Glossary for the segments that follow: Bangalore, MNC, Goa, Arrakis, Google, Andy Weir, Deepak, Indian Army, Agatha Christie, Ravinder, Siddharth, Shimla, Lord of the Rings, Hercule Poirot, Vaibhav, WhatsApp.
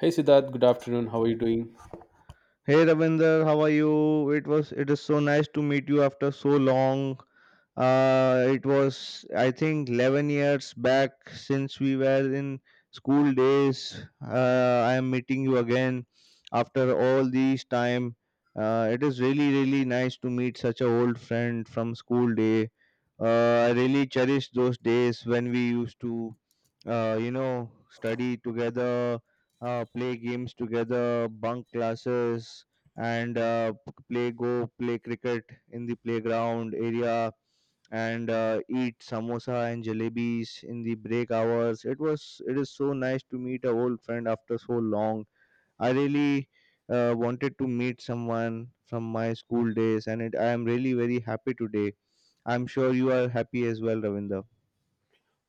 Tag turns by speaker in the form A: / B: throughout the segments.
A: Hey Siddharth, good afternoon. How are you doing?
B: Hey Ravinder, how are you? It is so nice to meet you after so long. It was, I think, 11 years back since we were in school days. I am meeting you again after all these time. It is really, really nice to meet such a old friend from school day. I really cherish those days when we used to, study together, play games together, bunk classes, and play cricket in the playground area, and eat samosa and jalebis in the break hours. It is so nice to meet a old friend after so long. I really wanted to meet someone from my school days, and I am really very happy today. I'm sure you are happy as well, Ravinder.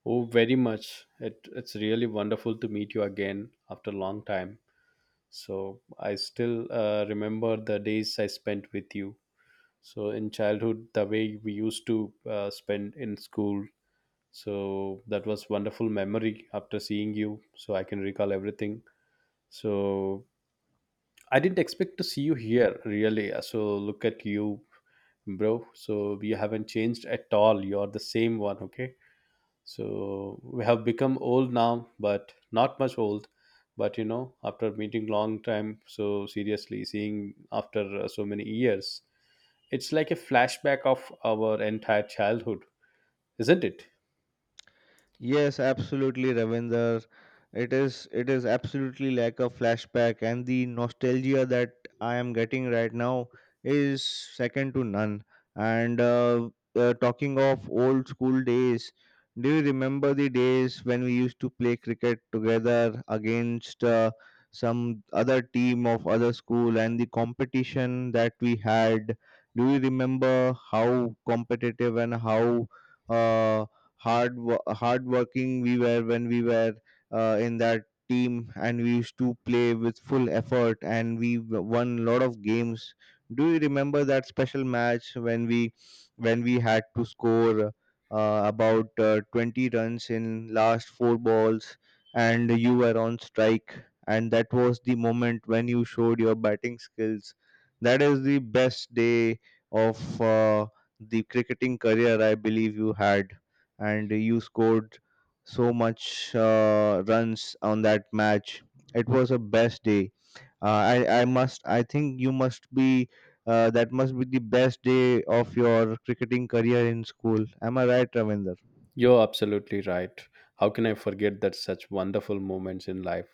A: Oh, very much. It's really wonderful to meet you again after a long time. So I still remember the days I spent with you. So in childhood, the way we used to spend in school. So that was wonderful memory after seeing you. So I can recall everything. So I didn't expect to see you here really. So look at you, bro. So you haven't changed at all. You're the same one. Okay. So we have become old now, but not much old. But you know, after meeting long time, so seriously seeing after so many years, it's like a flashback of our entire childhood, isn't it?
B: Yes, absolutely, Ravinder. It is absolutely like a flashback, and the nostalgia that I am getting right now is second to none. And talking of old school days, do you remember the days when we used to play cricket together against some other team of other school, and the competition that we had? Do you remember how competitive and how uh, hard working we were when we were in that team, and we used to play with full effort, and won a lot of games? Do you remember that special match when we had to score about 20 runs in last four balls, and you were on strike, and that was the moment when you showed your batting skills? That is the best day of the cricketing career, I believe, you had, and you scored so much runs on that match. It was a best day. I think you must be That must be the best day of your cricketing career in school. Am I right, Ravinder?
A: You're absolutely right. How can I forget that such wonderful moments in life?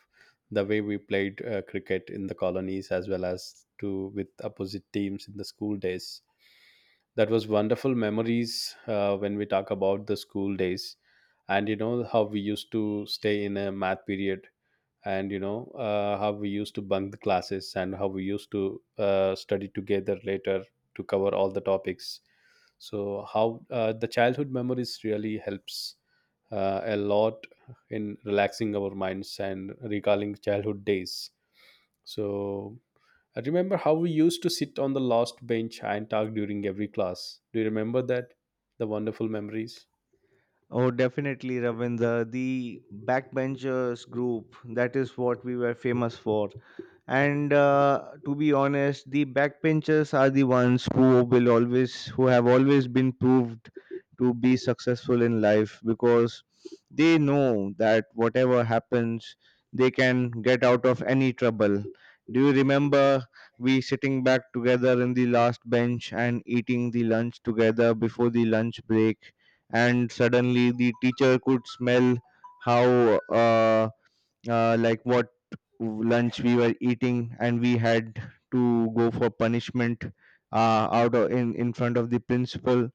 A: The way we played cricket in the colonies as well as to with opposite teams in the school days, that was wonderful memories when we talk about the school days. And you know how we used to stay in a math period, and you know how we used to bunk the classes and how we used to study together later to cover all the topics. So how the childhood memories really helps a lot in relaxing our minds and recalling childhood days. So I remember how we used to sit on the last bench and talk during every class. Do you remember that? The wonderful memories.
B: Oh, definitely, Ravinder. The backbenchers group, that is what we were famous for. And to be honest, the backbenchers are the ones who will always who have always been proved to be successful in life, because they know that whatever happens, they can get out of any trouble. Do you remember we sitting back together in the last bench and eating the lunch together before the lunch break, and suddenly the teacher could smell how uh, like what lunch we were eating, and we had to go for punishment, in front of the principal?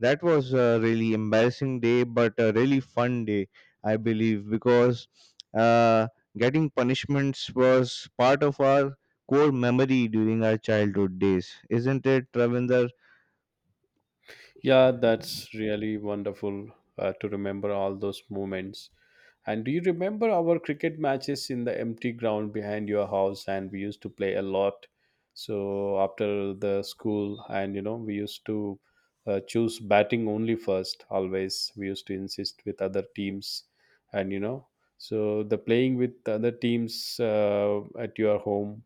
B: That was a really embarrassing day but a really fun day, I believe, because uh, getting punishments was part of our core memory during our childhood days, isn't it, Ravinder?
A: Yeah, that's really wonderful to remember all those moments. And do you remember our cricket matches in the empty ground behind your house? And we used to play a lot. So after the school, and you know, we used to choose batting only first. Always, we used to insist with other teams, and you know, so the playing with other teams at your home,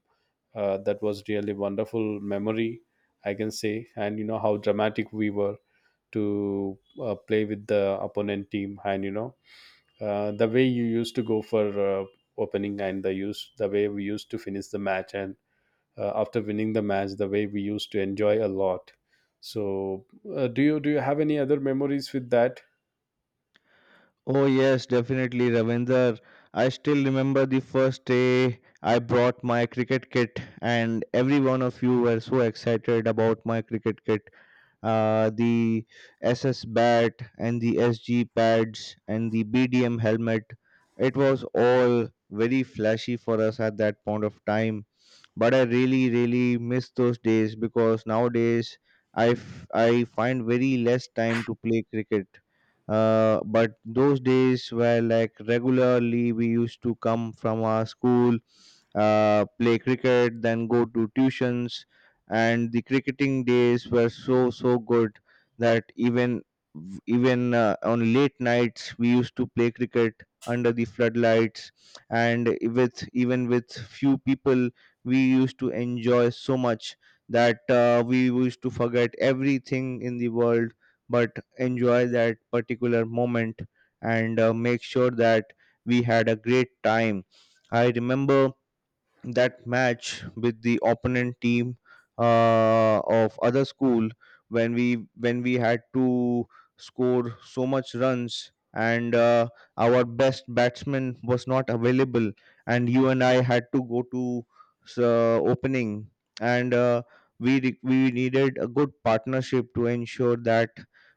A: that was really wonderful memory, I can say. And you know how dramatic we were to play with the opponent team, and you know the way you used to go for opening and the use the way we used to finish the match, and after winning the match the way we used to enjoy a lot. So do you have any other memories with that?
B: Oh yes, definitely, Ravinder. I still remember the first day I brought my cricket kit, and every one of you were so excited about my cricket kit. The SS bat and the SG pads and the BDM helmet. It was all very flashy for us at that point of time, but I really, really miss those days because nowadays I find very less time to play cricket. But those days were like regularly we used to come from our school, play cricket, then go to tuitions, and the cricketing days were so so good that even on late nights we used to play cricket under the floodlights, and with few people we used to enjoy so much that we used to forget everything in the world but enjoy that particular moment, and make sure that we had a great time. I remember that match with the opponent team, of other school, when we had to score so much runs, and our best batsman was not available, and you and I had to go to opening, and we needed a good partnership to ensure that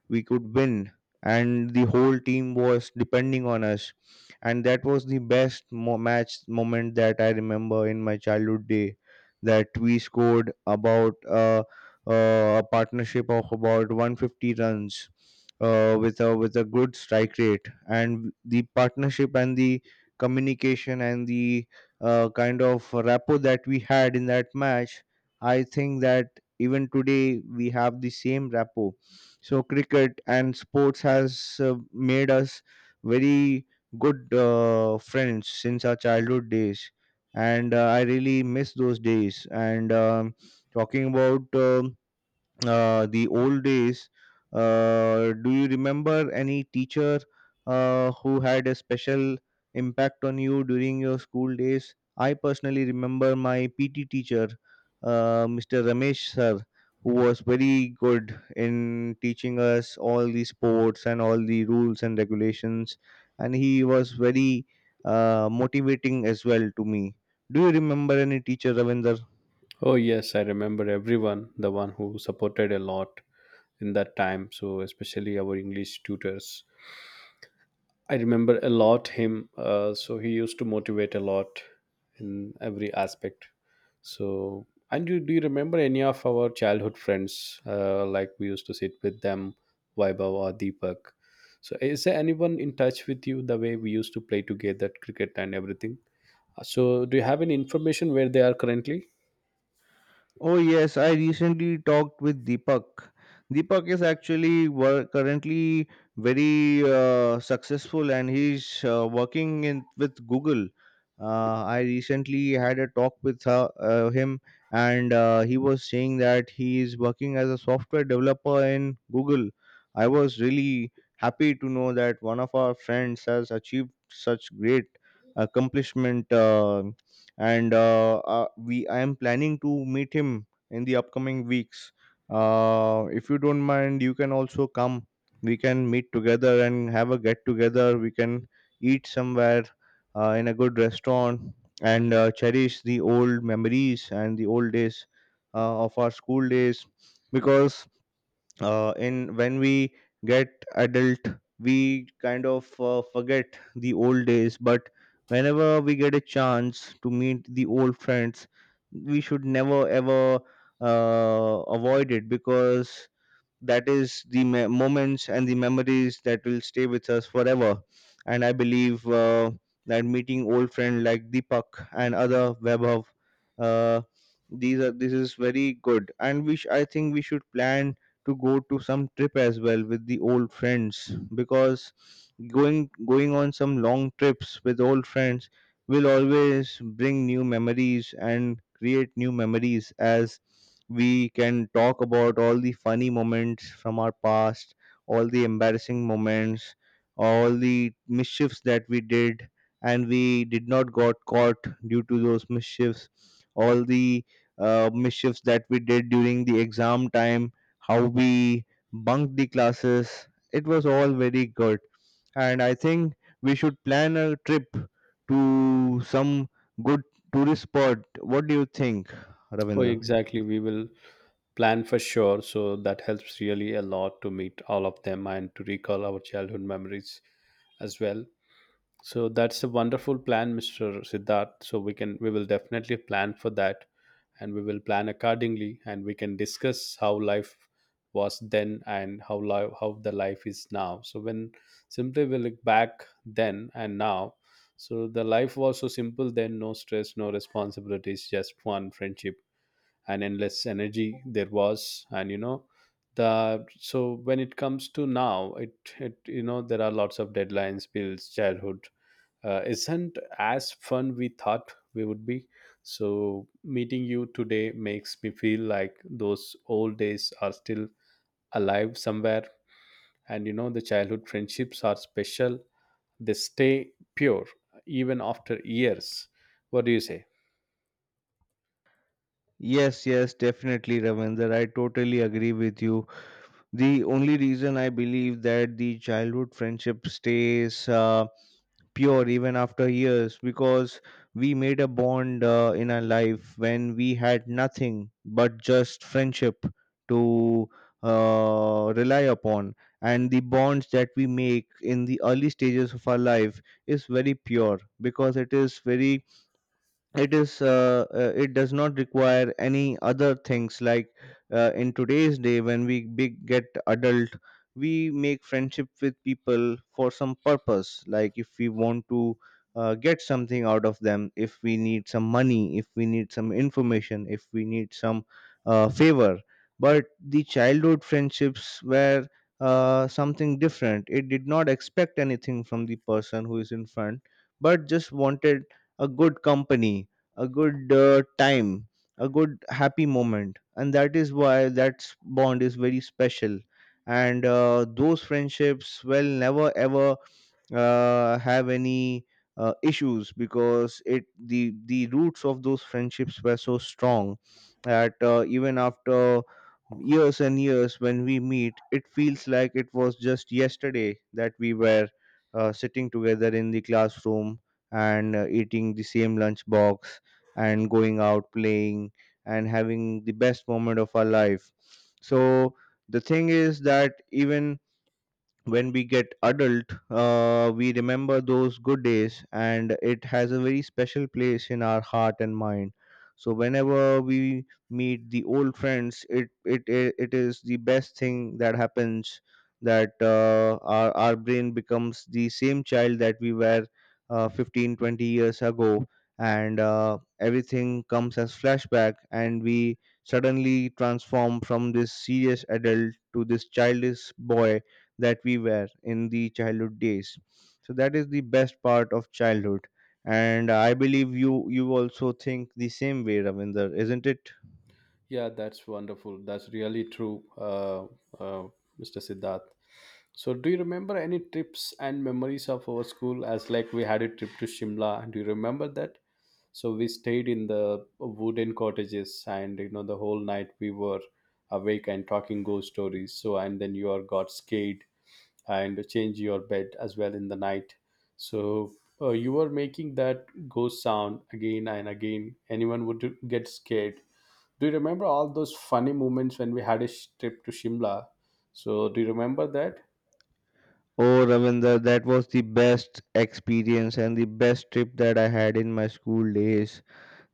B: we could win, and the whole team was depending on us, and that was the best match moment that I remember in my childhood day. That we scored about a partnership of about 150 runs, with a good strike rate, and the partnership and the communication and the kind of rapport that we had in that match. I think that even today we have the same rapport. So cricket and sports has made us very good friends since our childhood days, and I really miss those days. And talking about the old days, do you remember any teacher who had a special impact on you during your school days? I personally remember my PT teacher, Mr. Ramesh sir, who was very good in teaching us all the sports and all the rules and regulations, and he was very motivating as well to me. Do you remember any teacher, Ravinder?
A: Oh yes, I remember everyone, the one who supported a lot in that time. So especially our English tutors, I remember a lot him. So he used to motivate a lot in every aspect. So, and do you remember any of our childhood friends? Like we used to sit with them, Vaibhav or Deepak. So, is there anyone in touch with you the way we used to play together, cricket and everything? So, do you have any information where they are currently?
B: Oh yes, I recently talked with Deepak. Deepak is actually currently very successful, and he's working in with Google. I recently had a talk with him, and he was saying that he is working as a software developer in Google. I was really happy to know that one of our friends has achieved such great accomplishment. And we I am planning to meet him in the upcoming weeks. If you don't mind, you can also come. We can meet together and have a get together. We can eat somewhere in a good restaurant, and cherish the old memories and the old days of our school days, because in when we get adult, we kind of forget the old days, but whenever we get a chance to meet the old friends, we should never ever avoid it, because that is the moments and the memories that will stay with us forever. And I believe that meeting old friend like Deepak and other webhub, uh, these are this is very good, and I think we should plan to go to some trip as well with the old friends, because going on some long trips with old friends will always bring new memories and create new memories, as we can talk about all the funny moments from our past, all the embarrassing moments, all the mischiefs that we did and we did not got caught due to those mischiefs, all the mischiefs that we did during the exam time, how we bunked the classes. It was all very good, and I think we should plan a trip to some good tourist spot. What do you think,
A: Oh,
B: Ravinder?
A: exactly. We will plan for sure. So, that helps really a lot to meet all of them and to recall our childhood memories as well. So that's a wonderful plan, Mr. Siddharth. So we will definitely plan for that, and we will plan accordingly, and we can discuss how life was then and how life how the life is now. So when simply we look back then and now, so the life was so simple then. No stress, no responsibilities, just fun, friendship and endless energy there was. And you know, the so when it comes to now it you know, there are lots of deadlines, bills, childhood isn't as fun we thought we would be. So, meeting you today makes me feel like those old days are still alive somewhere. And you know, the childhood friendships are special, they stay pure even after years. What do you say?
B: Yes, yes, definitely, Ravinder. I totally agree with you. The only reason I believe that the childhood friendship stays. Pure even after years, because we made a bond in our life when we had nothing but just friendship to rely upon. And the bonds that we make in the early stages of our life is very pure, because it is, it does not require any other things like in today's day when we big get adult, we make friendship with people for some purpose, like if we want to get something out of them, if we need some money, if we need some information, if we need some favor. But the childhood friendships were something different. It did not expect anything from the person who is in front, but just wanted a good company, a good time, a good happy moment, and that is why that bond is very special. And those friendships will never ever have any issues, because it the roots of those friendships were so strong that even after years and years, when we meet, it feels like it was just yesterday that we were sitting together in the classroom and eating the same lunch box and going out playing and having the best moment of our life. So the thing is that even when we get adult, we remember those good days, and it has a very special place in our heart and mind. So whenever we meet the old friends, it is the best thing that happens, that our brain becomes the same child that we were 15-20 years ago, and everything comes as flashback, and we suddenly transform from this serious adult to this childish boy that we were in the childhood days. So that is the best part of childhood. And I believe you also think the same way, Ravinder, isn't it?
A: Yeah, that's wonderful. That's really true, uh, Mr. Siddharth. So, do you remember any trips and memories of our school? As like we had a trip to Shimla, do you remember that? So we stayed in the wooden cottages, and you know the whole night we were awake and talking ghost stories. So, and then you are got scared and changed your bed as well in the night. So you were making that ghost sound again and again. Anyone would get scared. Do you remember all those funny moments when we had a trip to Shimla? So do you remember that?
B: Oh, Ravinder, that was the best experience and the best trip that I had in my school days.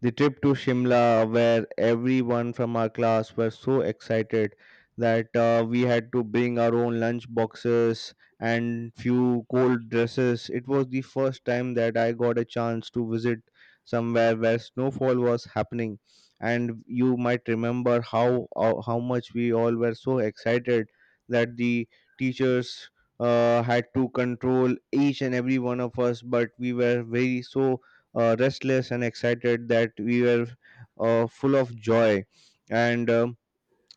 B: The trip to Shimla, where everyone from our class were so excited that we had to bring our own lunch boxes and few cold dresses. It was the first time that I got a chance to visit somewhere where snowfall was happening, and you might remember how much we all were so excited that the teachers had to control each and every one of us, but we were very so restless and excited that we were full of joy and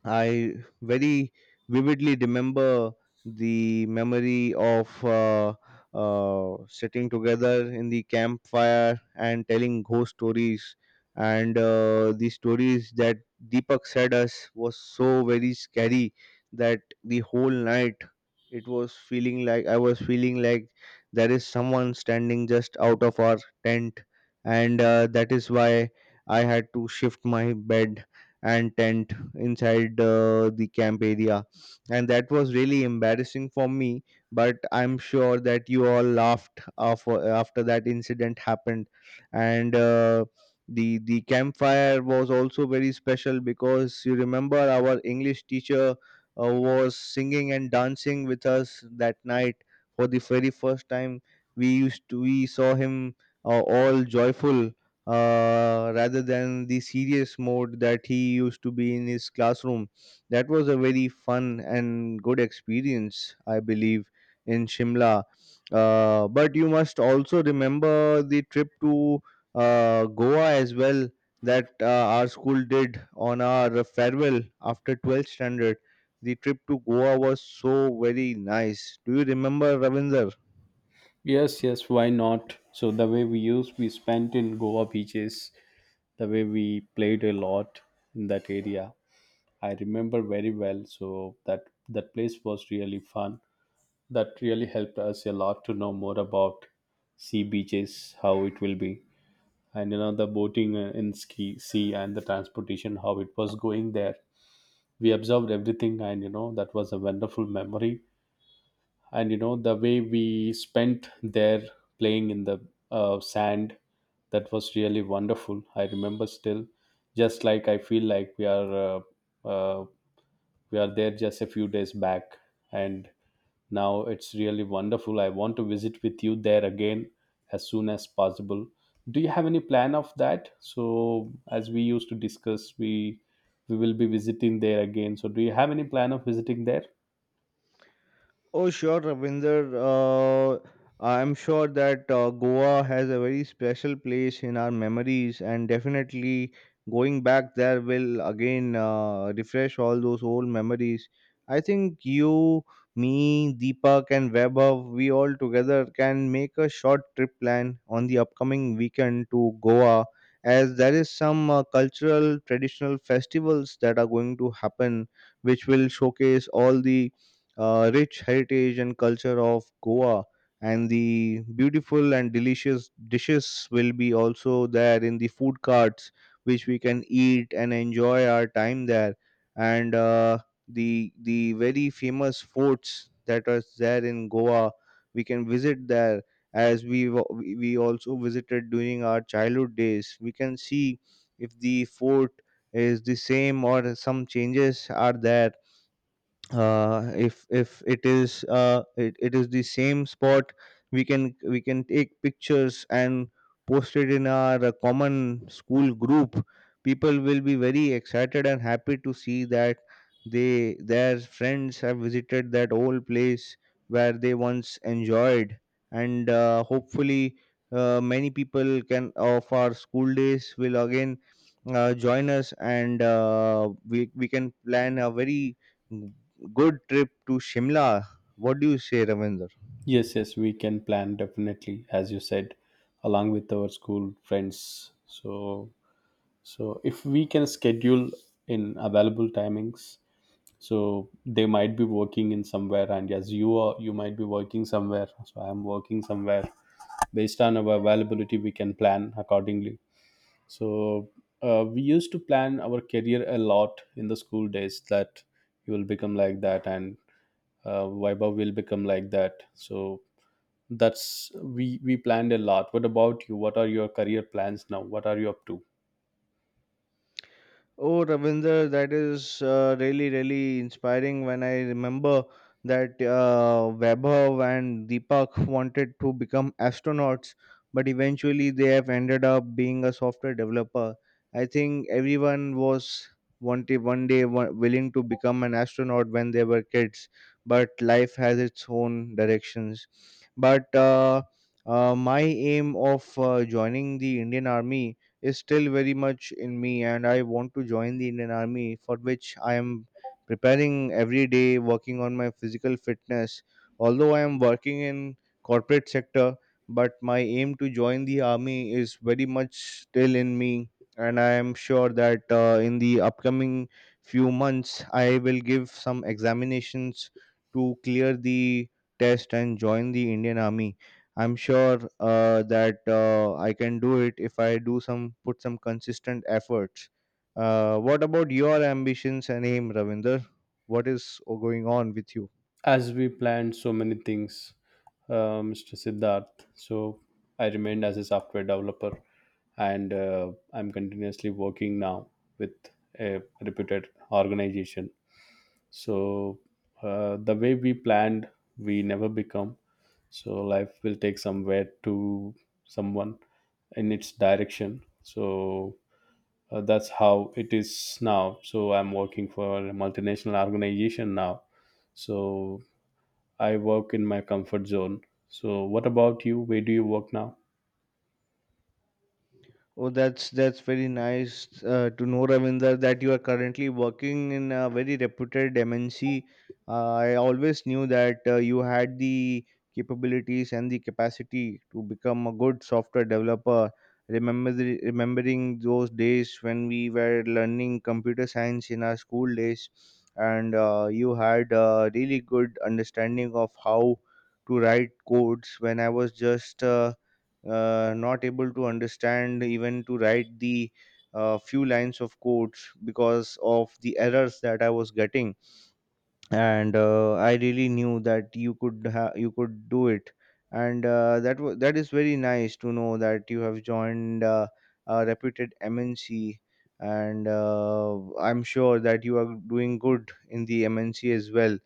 B: I very vividly remember the memory of sitting together in the campfire and telling ghost stories. And the stories that Deepak said us was so very scary that the whole night it was feeling like I was feeling like there is someone standing just out of our tent, and that is why I had to shift my bed and tent inside the camp area, and that was really embarrassing for me, but I'm sure that you all laughed after that incident happened. And uh, the the campfire was also very special because you remember our English teacher was singing and dancing with us that night for the very first time. We used to we saw him all joyful, rather than the serious mode that he used to be in his classroom. That was a very fun and good experience, I believe, in Shimla. But you must also remember the trip to Goa as well, that our school did on our farewell after 12th standard. The trip to Goa was so very nice. Do you remember, Ravinder?
A: Yes, yes, why not? So the way we used we spent in Goa beaches, the way we played a lot in that area. I remember very well. So that place was really fun. That really helped us a lot to know more about sea beaches, how it will be, and you know the boating in ski sea and the transportation, how it was going there. We observed everything, and you know that was a wonderful memory. And you know the way we spent there playing in the sand, that was really wonderful. I remember still, just like I feel like uh, uh, we are there just a few days back. And now it's really wonderful. I want to visit with you there again as soon as possible. Do you have any plan of that? So as we used to discuss, we will be visiting there again. So do you have any plan of visiting there?
B: Oh, sure, Ravinder. I'm sure that Goa has a very special place in our memories, and definitely going back there will again refresh all those old memories. I think you, me, Deepak, and Vaibhav, we all together can make a short trip plan on the upcoming weekend to Goa, as there is some cultural traditional festivals that are going to happen, which will showcase all the rich heritage and culture of Goa, and the beautiful and delicious dishes will be also there in the food carts, which we can eat and enjoy our time there. And the very famous forts that are there in Goa, we can visit there, as we wa- we also visited during our childhood days. We can see if the fort is the same or some changes are there. If it is it is the same spot, we can take pictures and post it in our common school group. People will be very excited and happy to see that they their friends have visited that old place where they once enjoyed. And hopefully, many people can of our school days will again join us, and we can plan a very good trip to Shimla. What do you say, Ravinder?
A: Yes, yes, we can plan definitely as you said, along with our school friends. So if we can schedule in available timings, so they might be working in somewhere, and yes, you might be working somewhere. So I am working somewhere. Based on our availability, we can plan accordingly. So we used to plan our career a lot in the school days. That you will become like that, and Vaibhav will become like that. So that's we planned a lot. What about you? What are your career plans now? What are you up to?
B: Oh, Ravinder, that is really, really inspiring when I remember that Vaibhav and Deepak wanted to become astronauts, but eventually they have ended up being a software developer. I think everyone was wanted one day wa- willing to become an astronaut when they were kids, but life has its own directions. But my aim of joining the Indian Army is still very much in me, and I want to join the Indian Army, for which I am preparing every day, working on my physical fitness. Although I am working in corporate sector, but my aim to join the army is very much still in me, and I am sure that in the upcoming few months, I will give some examinations to clear the test and join the Indian Army. I'm sure that I can do it if I do some put some consistent efforts. What about your ambitions and aim, Ravinder? What is going on with you?
A: As we planned so many things, Mr. Siddharth. So I remained as a software developer, and I'm continuously working now with a reputed organization. So the way we planned, we never become. So life will take somewhere to someone in its direction. So that's how it is now. So I'm working for a multinational organization now, so I work in my comfort zone. So, what about you? Where do you work now?
B: Oh, that's very nice to know, Ravinder, that you are currently working in a very reputed MNC. I always knew that you had the capabilities and the capacity to become a good software developer. Remembering those days when we were learning computer science in our school days, and you had a really good understanding of how to write codes. When I was just not able to understand even to write the few lines of codes because of the errors that I was getting. And I really knew that you could do it, and that is very nice to know that you have joined a reputed MNC, and I'm sure that you are doing good in the MNC as well.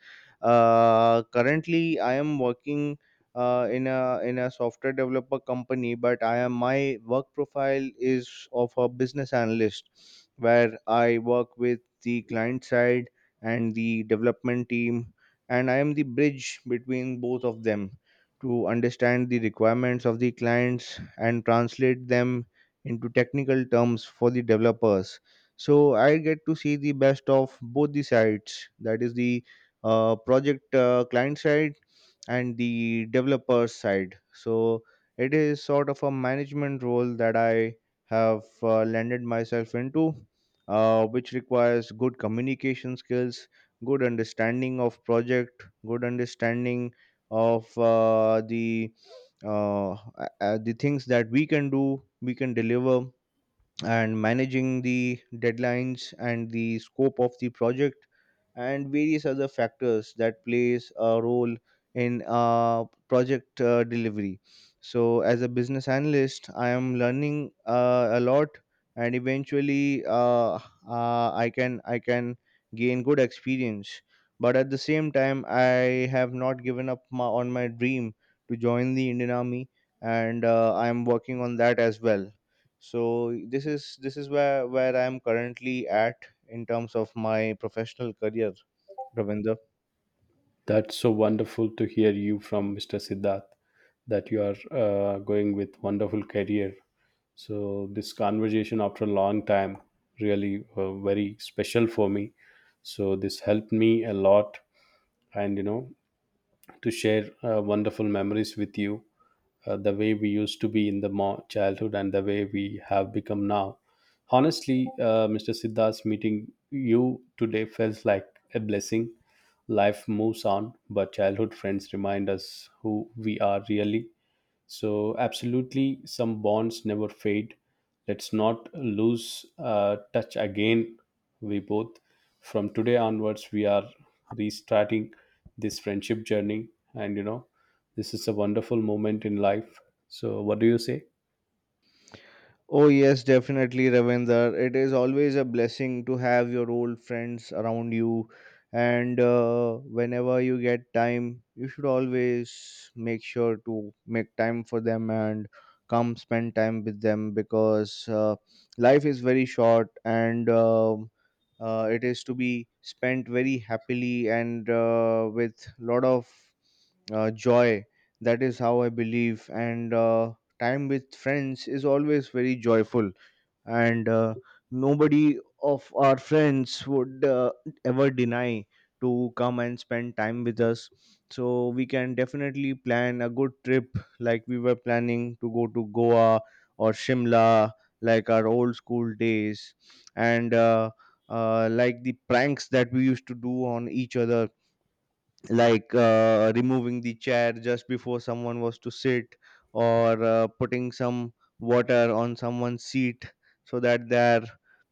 B: Currently, I am working in a software developer company, but I am my work profile is of a business analyst, where I work with the client side and the development team, and I am the bridge between both of them to understand the requirements of the clients and translate them into technical terms for the developers. So I get to see the best of both the sides. That is the project client side and the developer side. So it is sort of a management role that I have landed myself into, which requires good communication skills, good understanding of project, good understanding of the things that we can do, we can deliver, and managing the deadlines and the scope of the project and various other factors that plays a role in project delivery. So as a business analyst, I am learning a lot, and eventually I can gain good experience. But at the same time, I have not given up on my dream to join the Indian Army, and I am working on that as well. So this is where I am currently at in terms of my professional career, Ravinder.
A: That's so wonderful to hear you from Mr. Siddharth that you are going with wonderful career. So, this conversation after a long time really very special for me. So, this helped me a lot, and you know, to share wonderful memories with you, the way we used to be in the childhood and the way we have become now. Honestly, Mr. Siddharth, meeting you today felt like a blessing. Life moves on, but childhood friends remind us who we are really. So, absolutely, some bonds never fade. Let's not lose touch again. We both, from today onwards, we are restarting this friendship journey. And you know, this is a wonderful moment in life. So, what do you say?
B: Oh, yes, definitely, Ravinder. It is always a blessing to have your old friends around you. And whenever you get time, you should always make sure to make time for them and come spend time with them, because life is very short, and it is to be spent very happily and with lot of joy. That is how I believe. And time with friends is always very joyful. And nobody of our friends would ever deny to come and spend time with us. So we can definitely plan a good trip like we were planning to go to Goa or Shimla, like our old school days. And like the pranks that we used to do on each other, like removing the chair just before someone was to sit, or putting some water on someone's seat so that their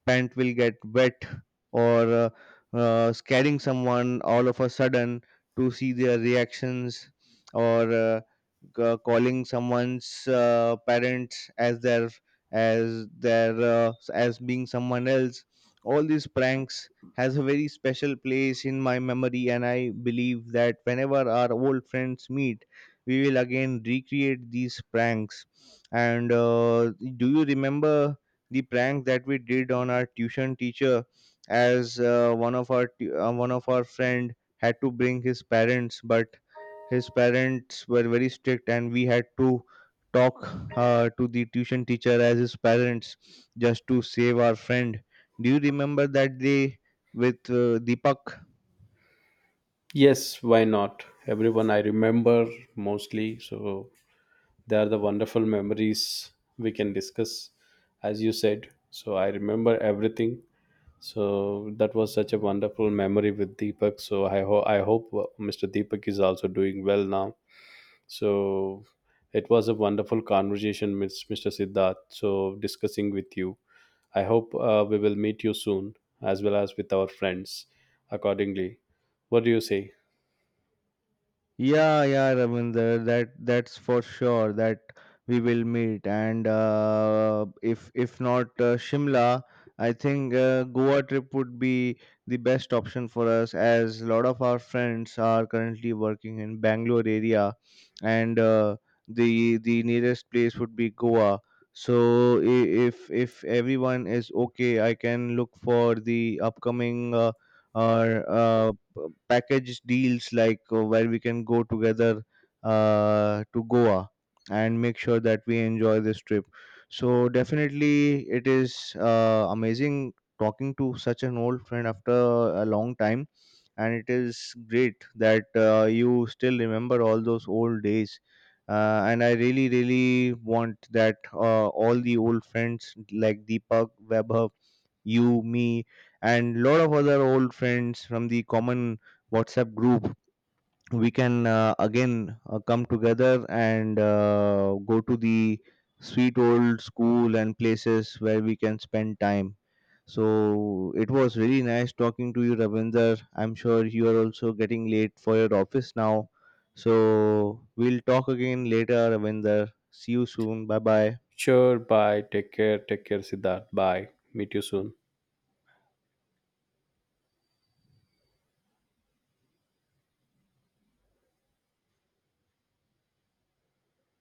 B: pant will get wet, or scaring someone all of a sudden to see their reactions, or calling someone's parents as their as being someone else. All these pranks has a very special place in my memory, and I believe that whenever our old friends meet, we will again recreate these pranks. And do you remember the prank that we did on our tuition teacher? As one of our friend had to bring his parents, but his parents were very strict, and we had to talk to the tuition teacher as his parents, just to save our friend. Do you remember that day with Deepak?
A: Yes, why not? Everyone I remember mostly. So, they are the wonderful memories we can discuss, as you said. So, I remember everything. So that was such a wonderful memory with Deepak. So I hope Mr. Deepak is also doing well now. So it was a wonderful conversation, Ms. Mr. Siddharth. So discussing with you, I hope we will meet you soon, as well as with our friends. Accordingly, what do you say?
B: Yeah, yeah, Ravinder, that's for sure that we will meet. And if not Shimla, I think Goa trip would be the best option for us, as a lot of our friends are currently working in Bangalore area, and the nearest place would be Goa. So if everyone is okay, I can look for the upcoming. Or uh, Package deals like where we can go together to Goa and make sure that we enjoy this trip. So definitely, it is amazing talking to such an old friend after a long time, and it is great that you still remember all those old days. And I really, really want that all the old friends like Deepak, Webber, you, me, and lot of other old friends from the common WhatsApp group. We can again come together and go to the sweet old school and places where we can spend time. So it was really nice talking to you, Ravinder. I'm sure you are also getting late for your office now. So we'll talk again later, Ravinder. See you soon. Bye bye.
A: Sure. Bye. Take care. Take care, Siddharth. Bye. Meet you soon.